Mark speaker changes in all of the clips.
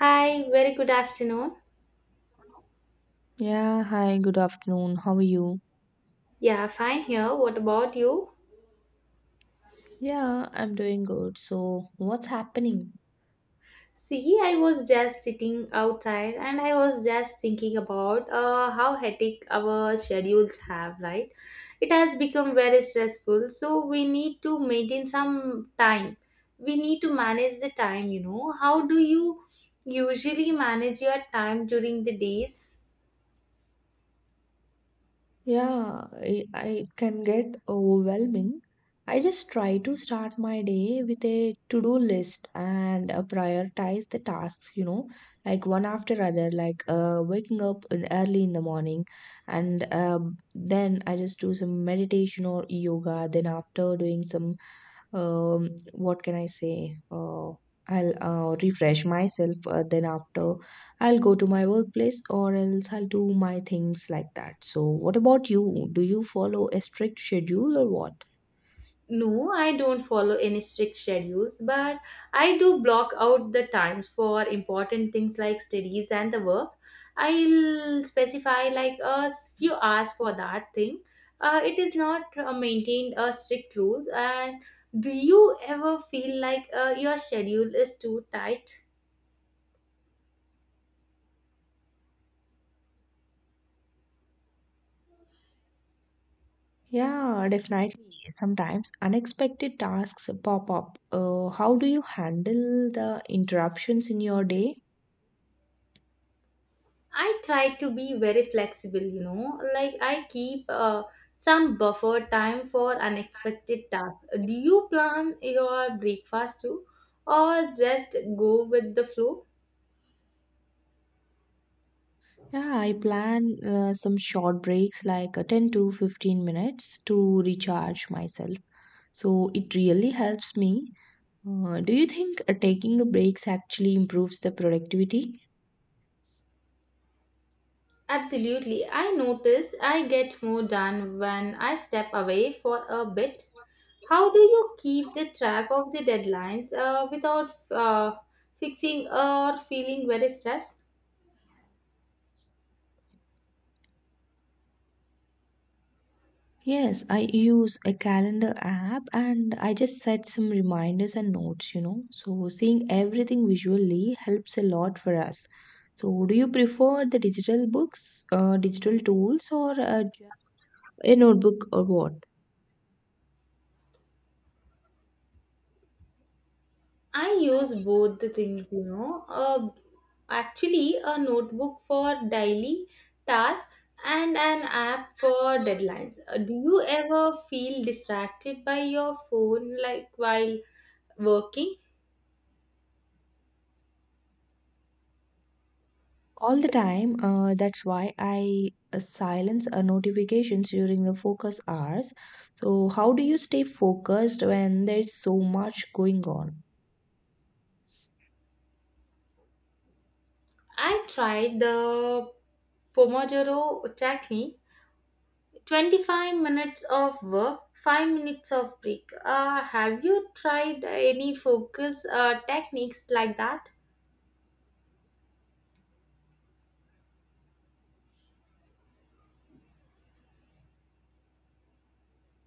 Speaker 1: Hi, very good afternoon.
Speaker 2: Yeah, hi, good afternoon. How are you?
Speaker 1: Yeah, fine here. What about you?
Speaker 2: Yeah, I'm doing good. So, what's happening?
Speaker 1: See, I was just sitting outside and I was just thinking about how hectic our schedules have, right? It has become very stressful, so we need to maintain some time. We need to manage the time. How do you usually manage your time during the days?
Speaker 2: Yeah, I can get overwhelming. I just try to start my day with a to-do list and prioritize the tasks, you know, like one after other, like waking up in early in the morning, and then I just do some meditation or yoga. Then after doing some what can I say I'll refresh myself then after I'll go to my workplace or else I'll do my things like that. So what about you, do you follow a strict schedule or what?
Speaker 1: No, I don't follow any strict schedules, but I do block out the times for important things like studies and the work. I'll specify like a few hours for that thing. It is not maintained strict rules. And do you ever feel like your schedule is too tight?
Speaker 2: Yeah, definitely sometimes unexpected tasks pop up. How do you handle the interruptions in your day?
Speaker 1: I try to be very flexible, like I keep some buffer time for unexpected tasks. Do you plan your breakfast too, or just go with the flow?
Speaker 2: Yeah, I plan some short breaks like 10 to 15 minutes to recharge myself. So it really helps me. Do you think taking a breaks actually improves the productivity?
Speaker 1: Absolutely. I notice I get more done when I step away for a bit. How do you keep the track of the deadlines without fixing or feeling very stressed?
Speaker 2: Yes, I use a calendar app and I just set some reminders and notes, you know. So seeing everything visually helps a lot for us. So do you prefer the digital books, digital tools or just a notebook or what?
Speaker 1: I use both the things. Actually, a notebook for daily tasks and an app for deadlines. Do you ever feel distracted by your phone like while working?
Speaker 2: All the time. That's why I silence notifications during the focus hours. So how do you stay focused when there's so much going on?
Speaker 1: I tried the Pomodoro technique. 25 minutes of work, 5 minutes of break. Have you tried any focus techniques like that?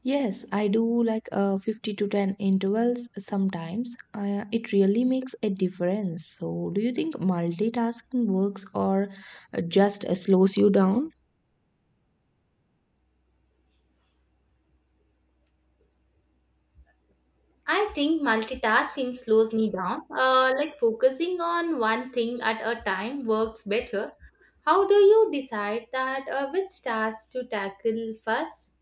Speaker 2: Yes, I do like 50 to 10 intervals sometimes. It really makes a difference. So do you think multitasking works or just slows you down?
Speaker 1: I think multitasking slows me down. Like focusing on one thing at a time works better. How do you decide that which task to tackle first?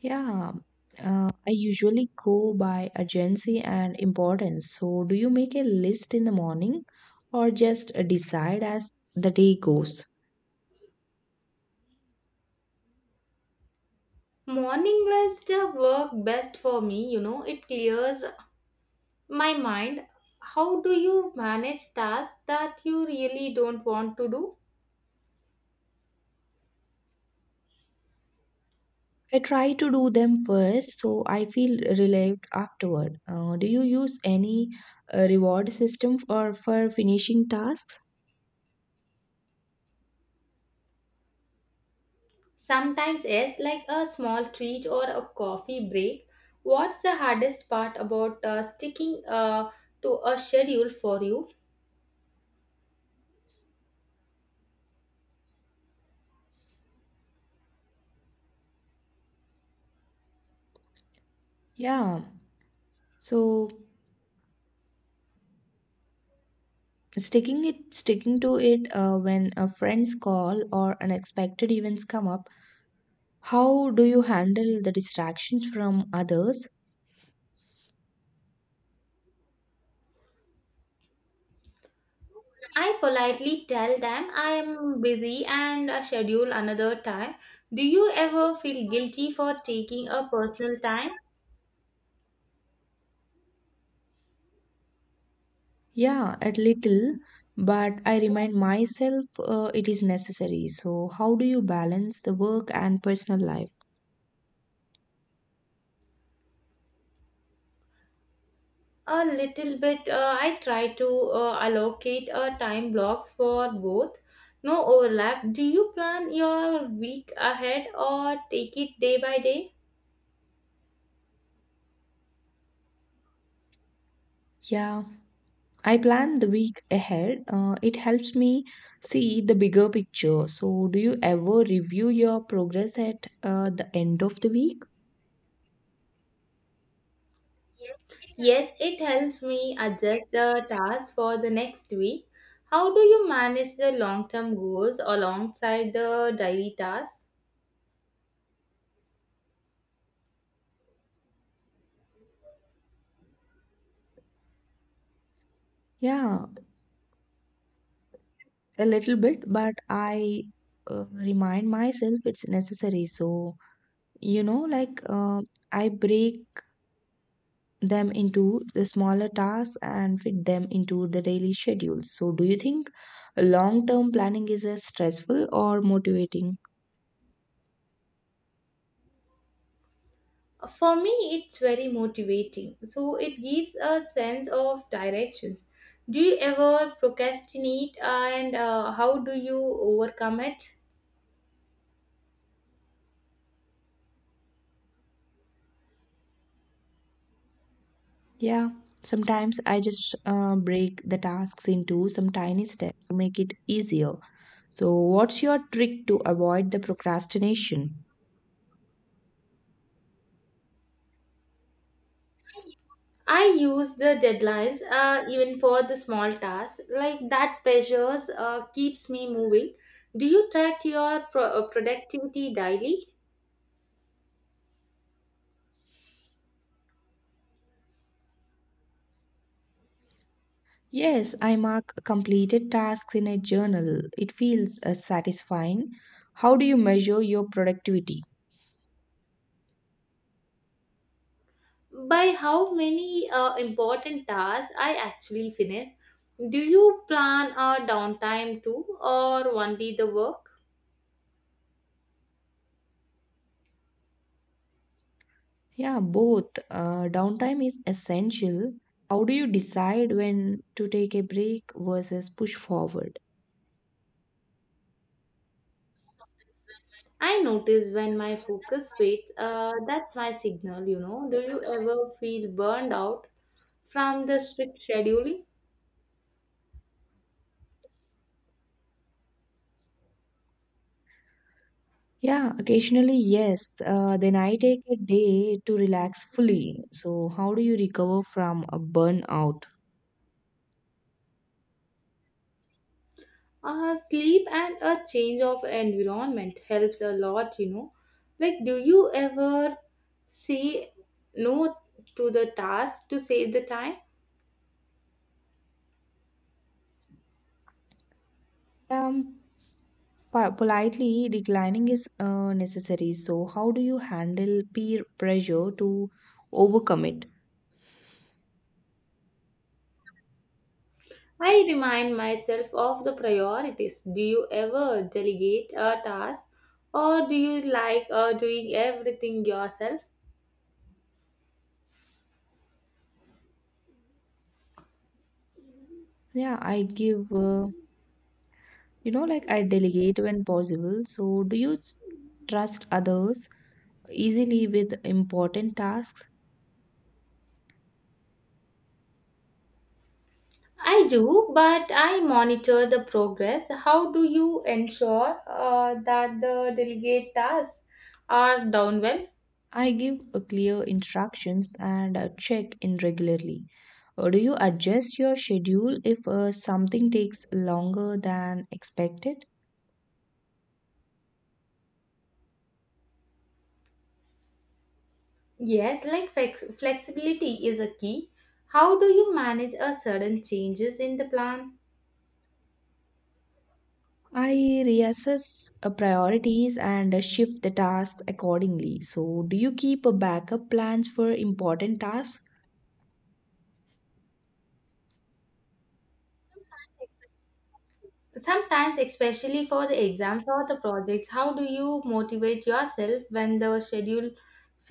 Speaker 2: Yeah, I usually go by urgency and importance. So, do you make a list in the morning or just decide as the day goes?
Speaker 1: Morning was the work best for me, it clears my mind. How do you manage tasks that you really don't want to do?
Speaker 2: I try to do them first so I feel relieved afterward. Do you use any reward system for finishing tasks?
Speaker 1: Sometimes, yes, like a small treat or a coffee break. What's the hardest part about sticking to a schedule for you?
Speaker 2: Yeah, so sticking to it when a friend's call or unexpected events come up. How do you handle the distractions from others?
Speaker 1: I politely tell them I am busy and schedule another time. Do you ever feel guilty for taking a personal time?
Speaker 2: Yeah, a little, but I remind myself it is necessary. So, how do you balance the work and personal life?
Speaker 1: A little bit. I try to allocate time blocks for both. No overlap. Do you plan your week ahead or take it day by day?
Speaker 2: Yeah, I plan the week ahead. It helps me see the bigger picture. So, do you ever review your progress at the end of the week?
Speaker 1: Yes, it helps me adjust the tasks for the next week. How do you manage the long term goals alongside the daily tasks?
Speaker 2: Yeah, a little bit, but I remind myself it's necessary. So, you know, like I break them into the smaller tasks and fit them into the daily schedule. So do you think long term planning is as stressful or motivating?
Speaker 1: For me, it's very motivating. So it gives a sense of directions. Do you ever procrastinate and how do you overcome it?
Speaker 2: Yeah, sometimes I just break the tasks into some tiny steps to make it easier. So what's your trick to avoid the procrastination?
Speaker 1: I use the deadlines even for the small tasks. Like that pressures keeps me moving. Do you track your productivity daily?
Speaker 2: Yes, I mark completed tasks in a journal. It feels satisfying. How do you measure your productivity?
Speaker 1: By how many important tasks I actually finish? Do you plan a downtime too or only the work?
Speaker 2: Yeah, both. Downtime is essential. How do you decide when to take a break versus push forward?
Speaker 1: I notice when my focus fades, that's my signal. Do you ever feel burned out from the strict scheduling?
Speaker 2: Yeah, occasionally, yes. Then I take a day to relax fully. So, how do you recover from a burnout?
Speaker 1: Sleep and a change of environment helps a lot. Like, do you ever say no to the task to save the time?
Speaker 2: Um, politely declining is necessary. So, how do you handle peer pressure to overcome it?
Speaker 1: I remind myself of the priorities. Do you ever delegate a task or do you like doing everything yourself?
Speaker 2: Yeah, I give you know, like I delegate when possible. So, do you trust others easily with important tasks?
Speaker 1: I do, but I monitor the progress. How do you ensure that the delegate tasks are done well?
Speaker 2: I give a clear instructions and check in regularly. Or do you adjust your schedule if something takes longer than expected?
Speaker 1: Yes, like flexibility is a key. How do you manage a sudden changes in the plan?
Speaker 2: I reassess priorities and shift the tasks accordingly. So, do you keep a backup plans for important tasks?
Speaker 1: Sometimes, especially for the exams or the projects, how do you motivate yourself when the schedule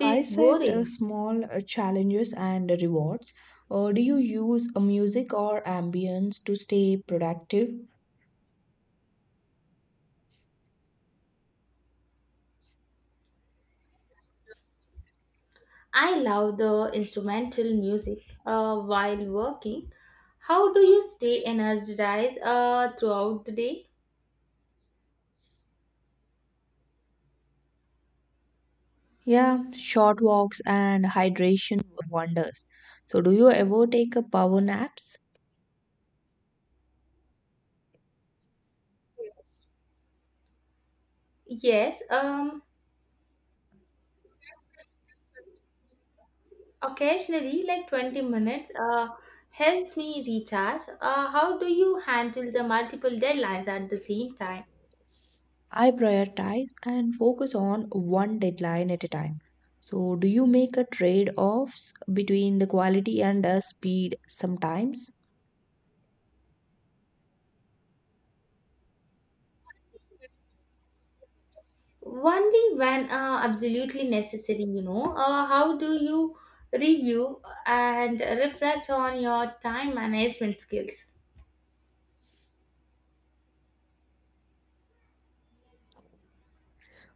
Speaker 2: I set
Speaker 1: boring?
Speaker 2: small challenges and rewards. Do you use music or ambience to stay productive?
Speaker 1: I love the instrumental music while working. How do you stay energized throughout the day?
Speaker 2: Yeah, short walks and hydration wonders. So, do you ever take a power naps?
Speaker 1: Yes, occasionally, like 20 minutes, helps me recharge. How do you handle the multiple deadlines at the same time?
Speaker 2: I prioritize and focus on one deadline at a time. So, do you make a trade offs between the quality and speed sometimes?
Speaker 1: Only when absolutely necessary. How do you review and reflect on your time management skills?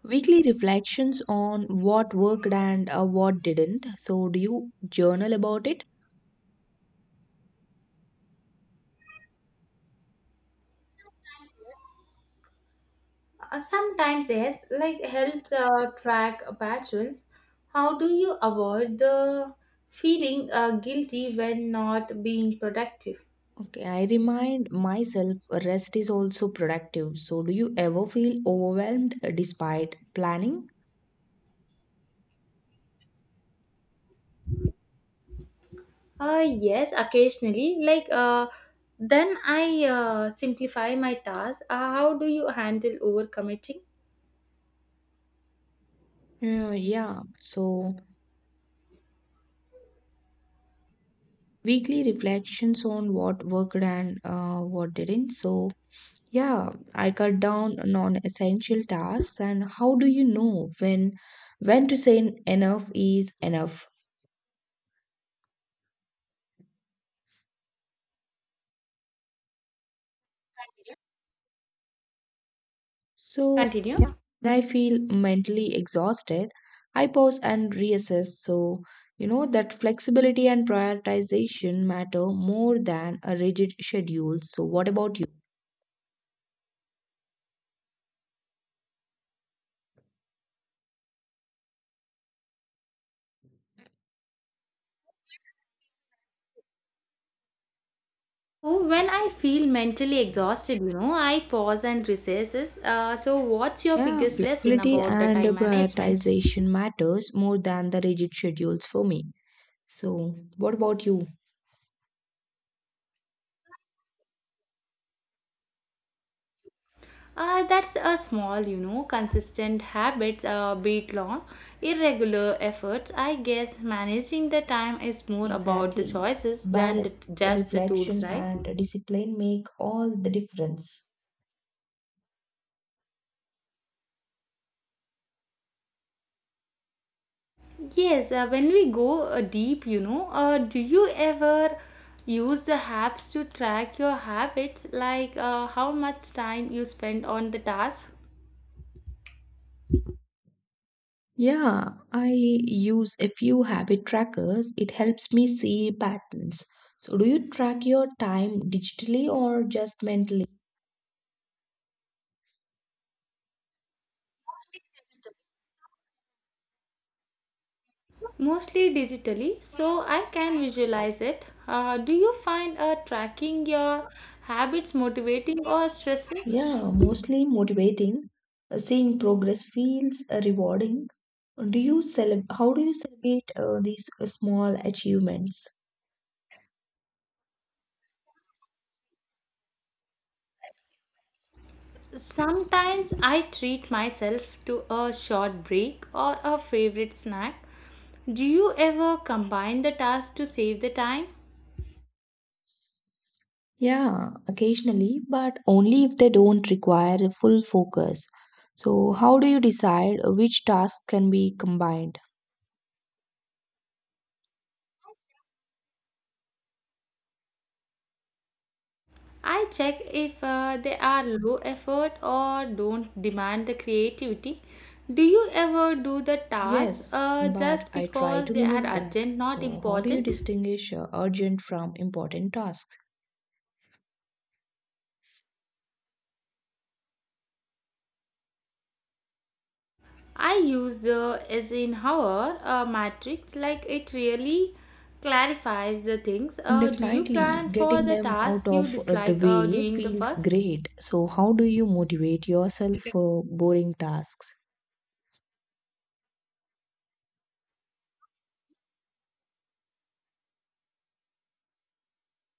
Speaker 2: Weekly reflections on what worked and what didn't. So, do you journal about it?
Speaker 1: Sometimes yes, like helps track patterns. How do you avoid the feeling guilty when not being productive?
Speaker 2: Okay, I remind myself rest is also productive. So, do you ever feel overwhelmed despite planning?
Speaker 1: Yes, occasionally. Like, then I simplify my task. How do you handle overcommitting?
Speaker 2: Yeah, so weekly reflections on what worked and what didn't. So, yeah, I cut down non-essential tasks. And how do you know when to say enough is enough? So,
Speaker 1: Continue.
Speaker 2: yeah, when I feel mentally exhausted, I pause and reassess. So, you know, that flexibility and prioritization matter more than a rigid schedule. So, what about you?
Speaker 1: So when I feel mentally exhausted, I pause and recesses. So what's your
Speaker 2: Yeah,
Speaker 1: biggest lesson
Speaker 2: flexibility
Speaker 1: about the
Speaker 2: and
Speaker 1: time management?
Speaker 2: prioritization matters more than the rigid schedules for me. So, what about you?
Speaker 1: That's a small, consistent habits, beat long, irregular efforts. I guess managing the time is more about the
Speaker 2: Exactly.
Speaker 1: choices than the,
Speaker 2: Balance,
Speaker 1: just the tools,
Speaker 2: reflection,
Speaker 1: right?
Speaker 2: and discipline make all the difference.
Speaker 1: Yes, when we go deep, do you ever use the apps to track your habits, like how much time you spend on the task?
Speaker 2: Yeah, I use a few habit trackers. It helps me see patterns. So, do you track your time digitally or just mentally?
Speaker 1: Mostly digitally, so I can visualize it. Do you find tracking your habits motivating or stressing?
Speaker 2: Yeah, mostly motivating. Seeing progress feels rewarding. How do you celebrate these small achievements?
Speaker 1: Sometimes I treat myself to a short break or a favorite snack. Do you ever combine the tasks to save the time?
Speaker 2: Yeah, occasionally, but only if they don't require a full focus. So, how do you decide which tasks can be combined?
Speaker 1: I check if they are low effort or don't demand the creativity. Do you ever do the tasks
Speaker 2: Yes, but
Speaker 1: just
Speaker 2: I try
Speaker 1: because
Speaker 2: to
Speaker 1: they are
Speaker 2: limit that.
Speaker 1: urgent, not
Speaker 2: So, how do you
Speaker 1: important?
Speaker 2: distinguish urgent from important tasks?
Speaker 1: I use the as in Eisenhower matrix like it really clarifies the things. Do you
Speaker 2: Definitely,
Speaker 1: plan for
Speaker 2: getting
Speaker 1: the
Speaker 2: them out
Speaker 1: task you
Speaker 2: of the
Speaker 1: dislike
Speaker 2: way
Speaker 1: doing the
Speaker 2: feels
Speaker 1: first?
Speaker 2: great. So, how do you motivate yourself for boring tasks?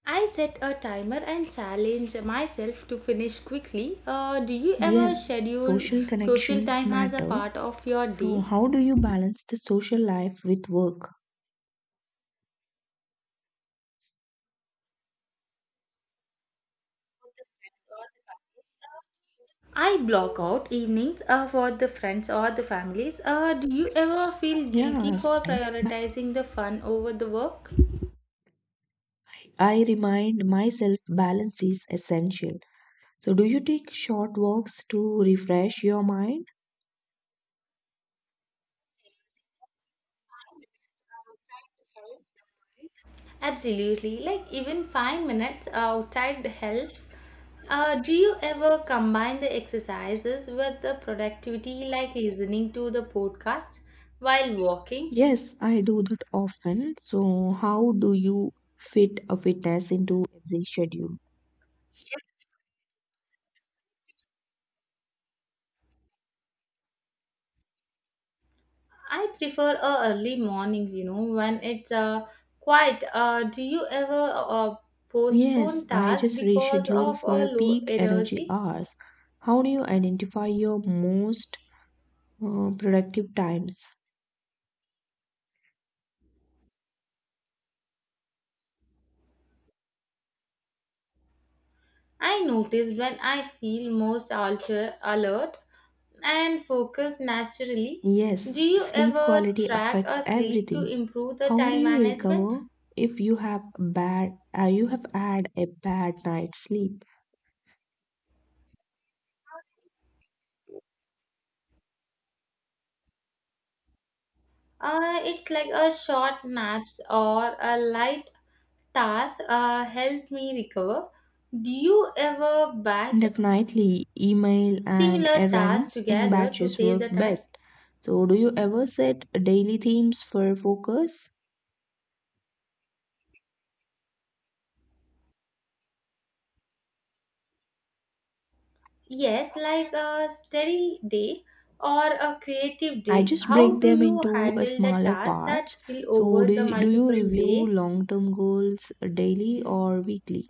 Speaker 1: I set a timer and challenge myself to finish quickly. Do you ever
Speaker 2: Yes,
Speaker 1: schedule
Speaker 2: social
Speaker 1: social
Speaker 2: connections
Speaker 1: time as a
Speaker 2: matter.
Speaker 1: part of your
Speaker 2: So,
Speaker 1: day?
Speaker 2: how do you balance the social life with work?
Speaker 1: I block out evenings for the friends or the families. Do you ever feel guilty
Speaker 2: Yeah,
Speaker 1: for
Speaker 2: sometimes. But
Speaker 1: prioritizing the fun over the work?
Speaker 2: I remind myself balance is essential. So, do you take short walks to refresh your mind?
Speaker 1: Absolutely. Like even 5 minutes outside helps. Do you ever combine the exercises with the productivity, like listening to the podcast while walking?
Speaker 2: Yes, I do that often. So, how do you fit a fitness into a schedule?
Speaker 1: I prefer early mornings, when it's quiet. Do you ever postpone
Speaker 2: Yes, I
Speaker 1: tasks
Speaker 2: just
Speaker 1: because
Speaker 2: reschedule
Speaker 1: of a
Speaker 2: for
Speaker 1: low
Speaker 2: peak energy
Speaker 1: energy?
Speaker 2: hours. How do you identify your most productive times?
Speaker 1: I notice when I feel most alert and focused naturally.
Speaker 2: Yes,
Speaker 1: Do you
Speaker 2: sleep
Speaker 1: ever
Speaker 2: quality
Speaker 1: track
Speaker 2: affects
Speaker 1: or sleep to
Speaker 2: everything.
Speaker 1: improve the
Speaker 2: How do
Speaker 1: time
Speaker 2: you recover
Speaker 1: management?
Speaker 2: if you have bad you have had a bad night's sleep?
Speaker 1: It's like a short naps or a light task help me recover. Do you ever batch
Speaker 2: Definitely, email and
Speaker 1: similar tasks
Speaker 2: errands in
Speaker 1: together to
Speaker 2: batches
Speaker 1: save
Speaker 2: work
Speaker 1: the time?
Speaker 2: best. So, do you ever set daily themes for focus?
Speaker 1: Yes, like a steady day or a creative
Speaker 2: I
Speaker 1: day.
Speaker 2: just
Speaker 1: How
Speaker 2: break
Speaker 1: do
Speaker 2: them
Speaker 1: you
Speaker 2: into
Speaker 1: handle the
Speaker 2: smaller
Speaker 1: tasks that
Speaker 2: parts.
Speaker 1: spill
Speaker 2: So,
Speaker 1: over the
Speaker 2: do you
Speaker 1: multiple
Speaker 2: review
Speaker 1: days?
Speaker 2: long term goals daily or weekly?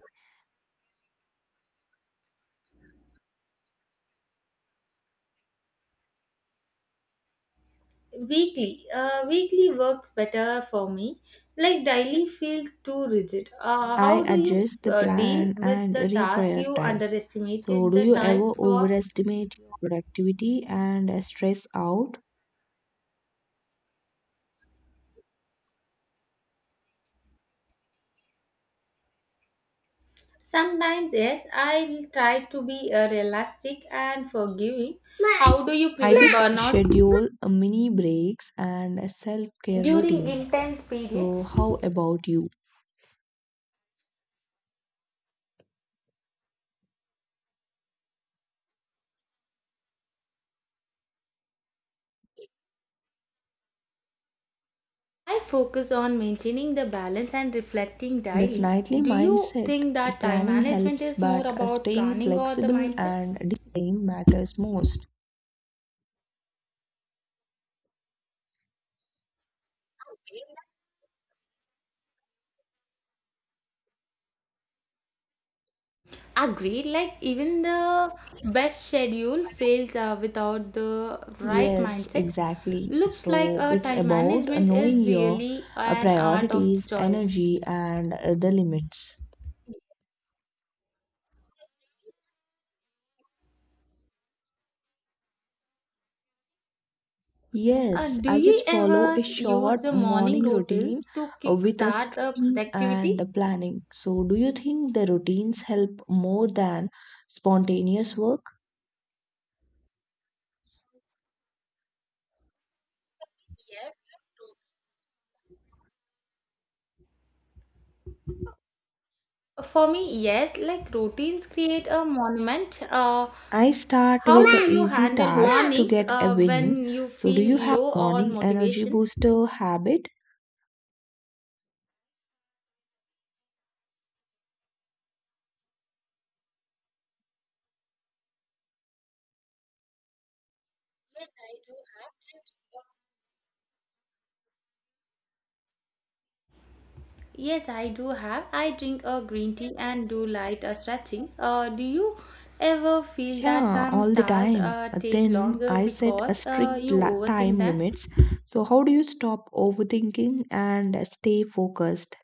Speaker 1: Weekly works better for me. Like daily feels too rigid. Uh,
Speaker 2: I
Speaker 1: how do you
Speaker 2: adjust the
Speaker 1: deal
Speaker 2: plan
Speaker 1: with
Speaker 2: and
Speaker 1: the task you
Speaker 2: reprioritize. So,
Speaker 1: underestimated
Speaker 2: do
Speaker 1: the
Speaker 2: you
Speaker 1: time
Speaker 2: ever
Speaker 1: for?
Speaker 2: overestimate your productivity and stress out?
Speaker 1: Sometimes, yes, I try to be realistic and forgiving. How do you
Speaker 2: I
Speaker 1: prevent
Speaker 2: just
Speaker 1: burnout
Speaker 2: schedule mini breaks and self care
Speaker 1: during
Speaker 2: routines.
Speaker 1: intense
Speaker 2: So,
Speaker 1: periods?
Speaker 2: how about you?
Speaker 1: I focus on maintaining the balance and reflecting daily.
Speaker 2: Definitely
Speaker 1: Do you
Speaker 2: mindset
Speaker 1: think that time
Speaker 2: planning
Speaker 1: management
Speaker 2: helps,
Speaker 1: is more
Speaker 2: but
Speaker 1: about
Speaker 2: staying
Speaker 1: planning or the
Speaker 2: flexible
Speaker 1: mindset?
Speaker 2: and discipline matters most.
Speaker 1: Agreed, like even the best schedule fails without the right
Speaker 2: Yes,
Speaker 1: mindset.
Speaker 2: exactly.
Speaker 1: Looks like
Speaker 2: So it's
Speaker 1: time
Speaker 2: about
Speaker 1: management
Speaker 2: knowing
Speaker 1: is
Speaker 2: your
Speaker 1: really an art of
Speaker 2: priorities,
Speaker 1: choice.
Speaker 2: energy, and the limits.
Speaker 1: Uh,
Speaker 2: Yes,
Speaker 1: do
Speaker 2: I
Speaker 1: you
Speaker 2: just follow
Speaker 1: ever
Speaker 2: a
Speaker 1: use
Speaker 2: short
Speaker 1: the morning
Speaker 2: morning
Speaker 1: routines
Speaker 2: routine
Speaker 1: to
Speaker 2: with a
Speaker 1: kickstart the
Speaker 2: stretching and a
Speaker 1: productivity?
Speaker 2: planning. So, do you think the routines help more than spontaneous work?
Speaker 1: For me, yes, like routines create a monument.
Speaker 2: I start
Speaker 1: How
Speaker 2: with a
Speaker 1: do you
Speaker 2: easy
Speaker 1: handle
Speaker 2: tasks to
Speaker 1: mornings
Speaker 2: get a win.
Speaker 1: when you
Speaker 2: So, do
Speaker 1: feel
Speaker 2: you have
Speaker 1: low
Speaker 2: a
Speaker 1: on
Speaker 2: morning energy
Speaker 1: motivation?
Speaker 2: booster habit?
Speaker 1: Yes, I do have. I drink a green tea and do light stretching. Do you ever feel that
Speaker 2: Yeah,
Speaker 1: some
Speaker 2: all the
Speaker 1: tasks
Speaker 2: time. Uh,
Speaker 1: take
Speaker 2: Then
Speaker 1: longer
Speaker 2: I set a
Speaker 1: because
Speaker 2: strict
Speaker 1: you overthink
Speaker 2: time
Speaker 1: them?
Speaker 2: limits. So, how do you stop overthinking and stay focused?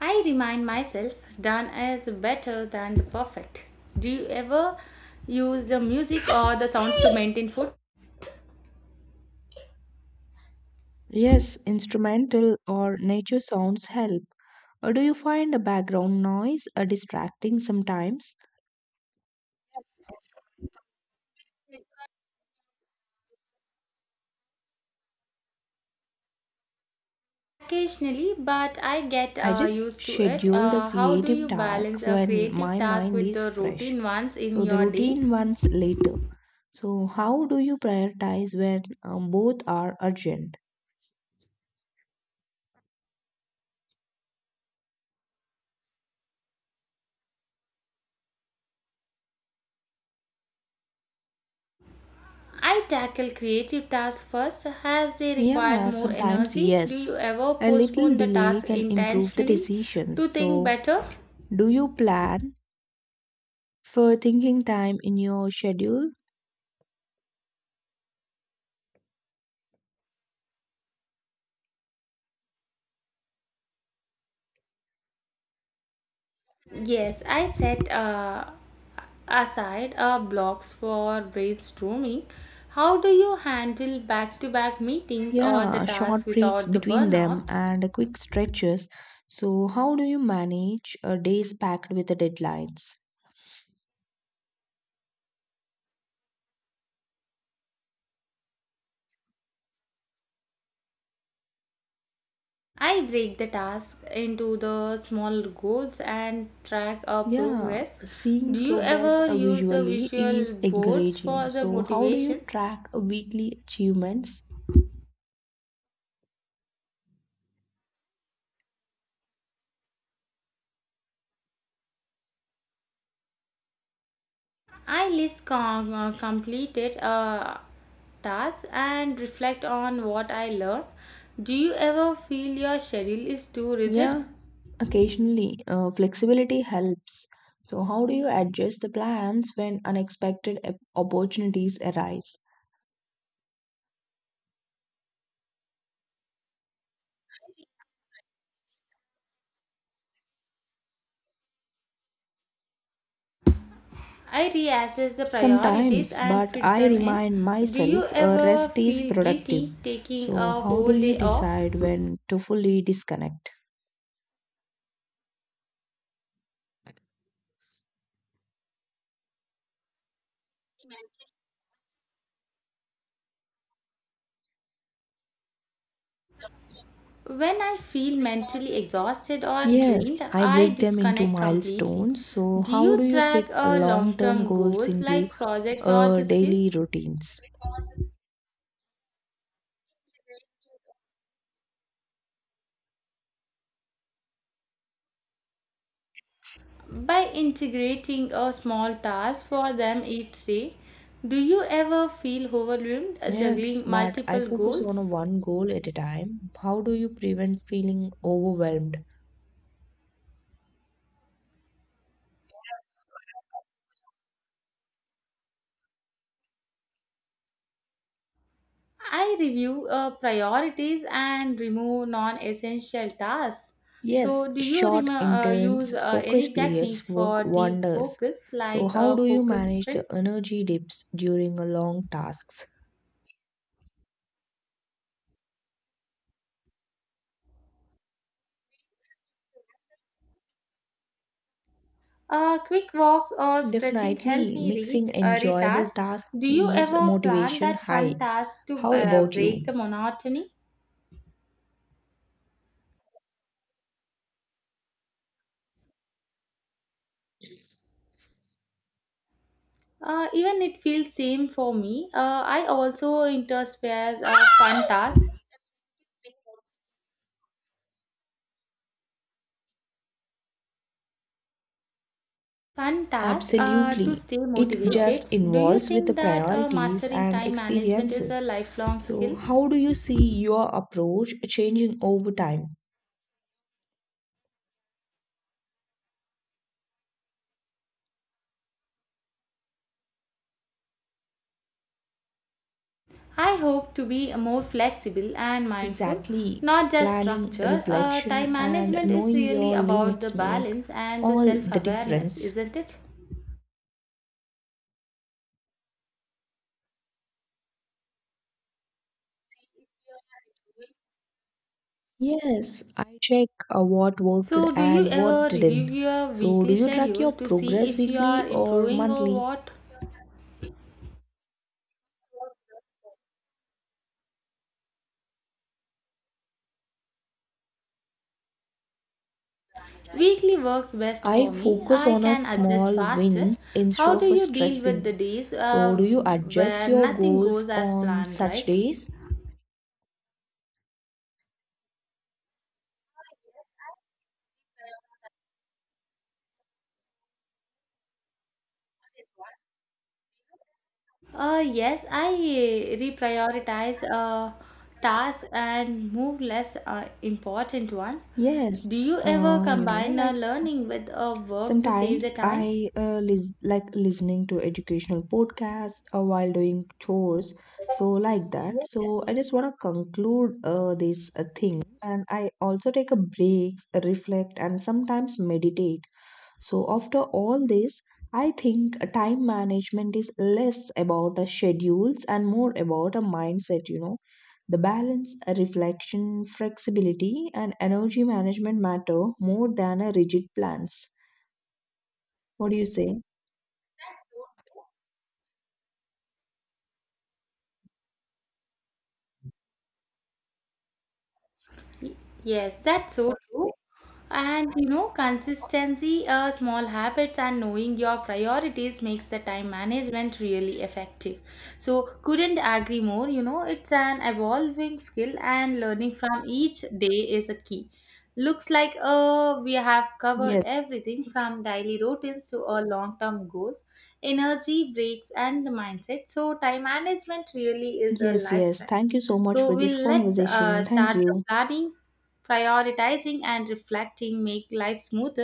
Speaker 1: I remind myself done is better than the perfect. Do you ever use the music or the sounds to maintain focus?
Speaker 2: Yes, instrumental or nature sounds help. Or do you find a background noise distracting sometimes?
Speaker 1: Occasionally, but I get
Speaker 2: I just
Speaker 1: used to it.
Speaker 2: schedule the
Speaker 1: How do you
Speaker 2: creative
Speaker 1: balance
Speaker 2: tasks
Speaker 1: a
Speaker 2: when
Speaker 1: creative
Speaker 2: my
Speaker 1: task
Speaker 2: mind
Speaker 1: with
Speaker 2: is
Speaker 1: the
Speaker 2: fresh.
Speaker 1: routine ones in
Speaker 2: So the
Speaker 1: your day?
Speaker 2: routine ones later. So how do you prioritize when both are urgent?
Speaker 1: I tackle creative tasks first as they require
Speaker 2: Yeah,
Speaker 1: more
Speaker 2: sometimes
Speaker 1: energy. Do
Speaker 2: yes.
Speaker 1: you ever
Speaker 2: A little
Speaker 1: postpone the
Speaker 2: delay
Speaker 1: task
Speaker 2: can improve the
Speaker 1: intentionally
Speaker 2: decisions.
Speaker 1: to think
Speaker 2: So
Speaker 1: better?
Speaker 2: do you plan for thinking time in your schedule?
Speaker 1: Yes, I set aside blocks for brainstorming. How do you handle back to back meetings or the
Speaker 2: Yeah,
Speaker 1: tasks
Speaker 2: short breaks
Speaker 1: without the
Speaker 2: between them
Speaker 1: burnout?
Speaker 2: and quick stretches. So how do you manage days packed with the deadlines?
Speaker 1: I break the task into the small goals and track our
Speaker 2: Yeah,
Speaker 1: progress. Do
Speaker 2: seeing
Speaker 1: you
Speaker 2: progress
Speaker 1: ever use the
Speaker 2: visually
Speaker 1: visual
Speaker 2: is
Speaker 1: boards
Speaker 2: encouraging.
Speaker 1: for the
Speaker 2: So, how do you
Speaker 1: motivation?
Speaker 2: track weekly achievements?
Speaker 1: I list completed tasks and reflect on what I learned. Do you ever feel your schedule is too rigid?
Speaker 2: Yeah, occasionally flexibility helps. So, how do you adjust the plans when unexpected opportunities arise?
Speaker 1: I reassess the priorities
Speaker 2: Sometimes,
Speaker 1: and
Speaker 2: but
Speaker 1: fit
Speaker 2: I
Speaker 1: them in.
Speaker 2: remind
Speaker 1: Do you
Speaker 2: myself
Speaker 1: ever
Speaker 2: rest is
Speaker 1: feel
Speaker 2: productive.
Speaker 1: guilty taking
Speaker 2: So,
Speaker 1: a
Speaker 2: how do
Speaker 1: whole
Speaker 2: you
Speaker 1: day off?
Speaker 2: decide when to fully disconnect?
Speaker 1: When I feel mentally exhausted or drained,
Speaker 2: Yes, I
Speaker 1: I
Speaker 2: break them into
Speaker 1: disconnect completely.
Speaker 2: milestones. So,
Speaker 1: Do
Speaker 2: how
Speaker 1: you
Speaker 2: do you fit
Speaker 1: track
Speaker 2: long
Speaker 1: long
Speaker 2: term
Speaker 1: term
Speaker 2: goals
Speaker 1: goals
Speaker 2: into
Speaker 1: like projects or the skill?
Speaker 2: daily routines?
Speaker 1: By integrating a small task for them each day, do you ever feel overwhelmed
Speaker 2: Yes,
Speaker 1: juggling
Speaker 2: but I
Speaker 1: multiple
Speaker 2: focus
Speaker 1: goals?
Speaker 2: on one goal at a time. How do you prevent feeling overwhelmed?
Speaker 1: I review priorities and remove non essential tasks.
Speaker 2: Yes,
Speaker 1: So, do you
Speaker 2: short,
Speaker 1: use
Speaker 2: intense focus
Speaker 1: any
Speaker 2: periods
Speaker 1: techniques for
Speaker 2: work
Speaker 1: deep
Speaker 2: wonders.
Speaker 1: focus
Speaker 2: So,
Speaker 1: like
Speaker 2: how do you
Speaker 1: focus
Speaker 2: manage the
Speaker 1: sprints?
Speaker 2: energy dips during a long tasks?
Speaker 1: Quick walks or stretching help
Speaker 2: Definitely,
Speaker 1: me reach
Speaker 2: mixing enjoyable
Speaker 1: recharge.
Speaker 2: tasks
Speaker 1: Do you
Speaker 2: keeps
Speaker 1: ever plan
Speaker 2: motivation
Speaker 1: that
Speaker 2: high.
Speaker 1: fun task to
Speaker 2: How about
Speaker 1: break
Speaker 2: you?
Speaker 1: the monotony? Even it feels same for me. I also intersperse fun tasks. Fun tasks to
Speaker 2: Absolutely.
Speaker 1: stay
Speaker 2: It
Speaker 1: motivated.
Speaker 2: just
Speaker 1: Do you
Speaker 2: involves with
Speaker 1: think
Speaker 2: the
Speaker 1: that
Speaker 2: priorities
Speaker 1: mastering
Speaker 2: and
Speaker 1: time management is a
Speaker 2: experiences.
Speaker 1: lifelong
Speaker 2: So,
Speaker 1: skill?
Speaker 2: how do you see your approach changing over time?
Speaker 1: I hope to be more flexible and mindful,
Speaker 2: Exactly.
Speaker 1: not just
Speaker 2: Planning,
Speaker 1: structure. Uh,
Speaker 2: reflection,
Speaker 1: time
Speaker 2: and
Speaker 1: management is
Speaker 2: knowing
Speaker 1: really
Speaker 2: your
Speaker 1: about the
Speaker 2: limits make
Speaker 1: balance and the
Speaker 2: all
Speaker 1: self
Speaker 2: the
Speaker 1: awareness,
Speaker 2: difference.
Speaker 1: isn't it?
Speaker 2: Yes, I check what worked
Speaker 1: So, do you
Speaker 2: and
Speaker 1: ever
Speaker 2: what
Speaker 1: review
Speaker 2: didn't.
Speaker 1: your
Speaker 2: So, do
Speaker 1: weekly
Speaker 2: you track
Speaker 1: schedule
Speaker 2: your
Speaker 1: to see
Speaker 2: progress
Speaker 1: if you
Speaker 2: weekly
Speaker 1: are
Speaker 2: or
Speaker 1: improving or
Speaker 2: monthly?
Speaker 1: what? Weekly works best
Speaker 2: I
Speaker 1: for me.
Speaker 2: focus
Speaker 1: I
Speaker 2: on a
Speaker 1: can adjust
Speaker 2: small
Speaker 1: faster.
Speaker 2: wins instead
Speaker 1: How do
Speaker 2: of a
Speaker 1: you deal with
Speaker 2: stressing.
Speaker 1: the days
Speaker 2: So, do you adjust
Speaker 1: where
Speaker 2: your
Speaker 1: nothing
Speaker 2: goals
Speaker 1: goes as
Speaker 2: on
Speaker 1: planned,
Speaker 2: such
Speaker 1: right?
Speaker 2: days?
Speaker 1: Yes, I reprioritize tasks and move less important ones. Do you
Speaker 2: Yes,
Speaker 1: ever
Speaker 2: you know,
Speaker 1: combine
Speaker 2: like
Speaker 1: learning with work to save the
Speaker 2: sometimes
Speaker 1: time?
Speaker 2: I like listening to educational podcasts while doing chores. So, like that. So, I just want to conclude this thing, and I also take a break, reflect, and sometimes meditate. So, after all this, I think time management is less about the schedules and more about a mindset, you know. The balance, reflection, flexibility, and energy management matter more than a rigid plans. What do you say?
Speaker 1: Yes, that's so true. And consistency, small habits, and knowing your priorities makes the time management really effective. So, couldn't agree more. It's an evolving skill, and learning from each day is a key. Looks like we have covered
Speaker 2: Yes,
Speaker 1: everything from daily routines to our long term goals, energy, breaks, and the mindset. So, time management really is a
Speaker 2: yes, yes.
Speaker 1: lifestyle.
Speaker 2: Thank you so much
Speaker 1: So,
Speaker 2: for this
Speaker 1: we'll let's
Speaker 2: conversation. Thank
Speaker 1: start the
Speaker 2: you.
Speaker 1: planning. Prioritizing and reflecting make life smoother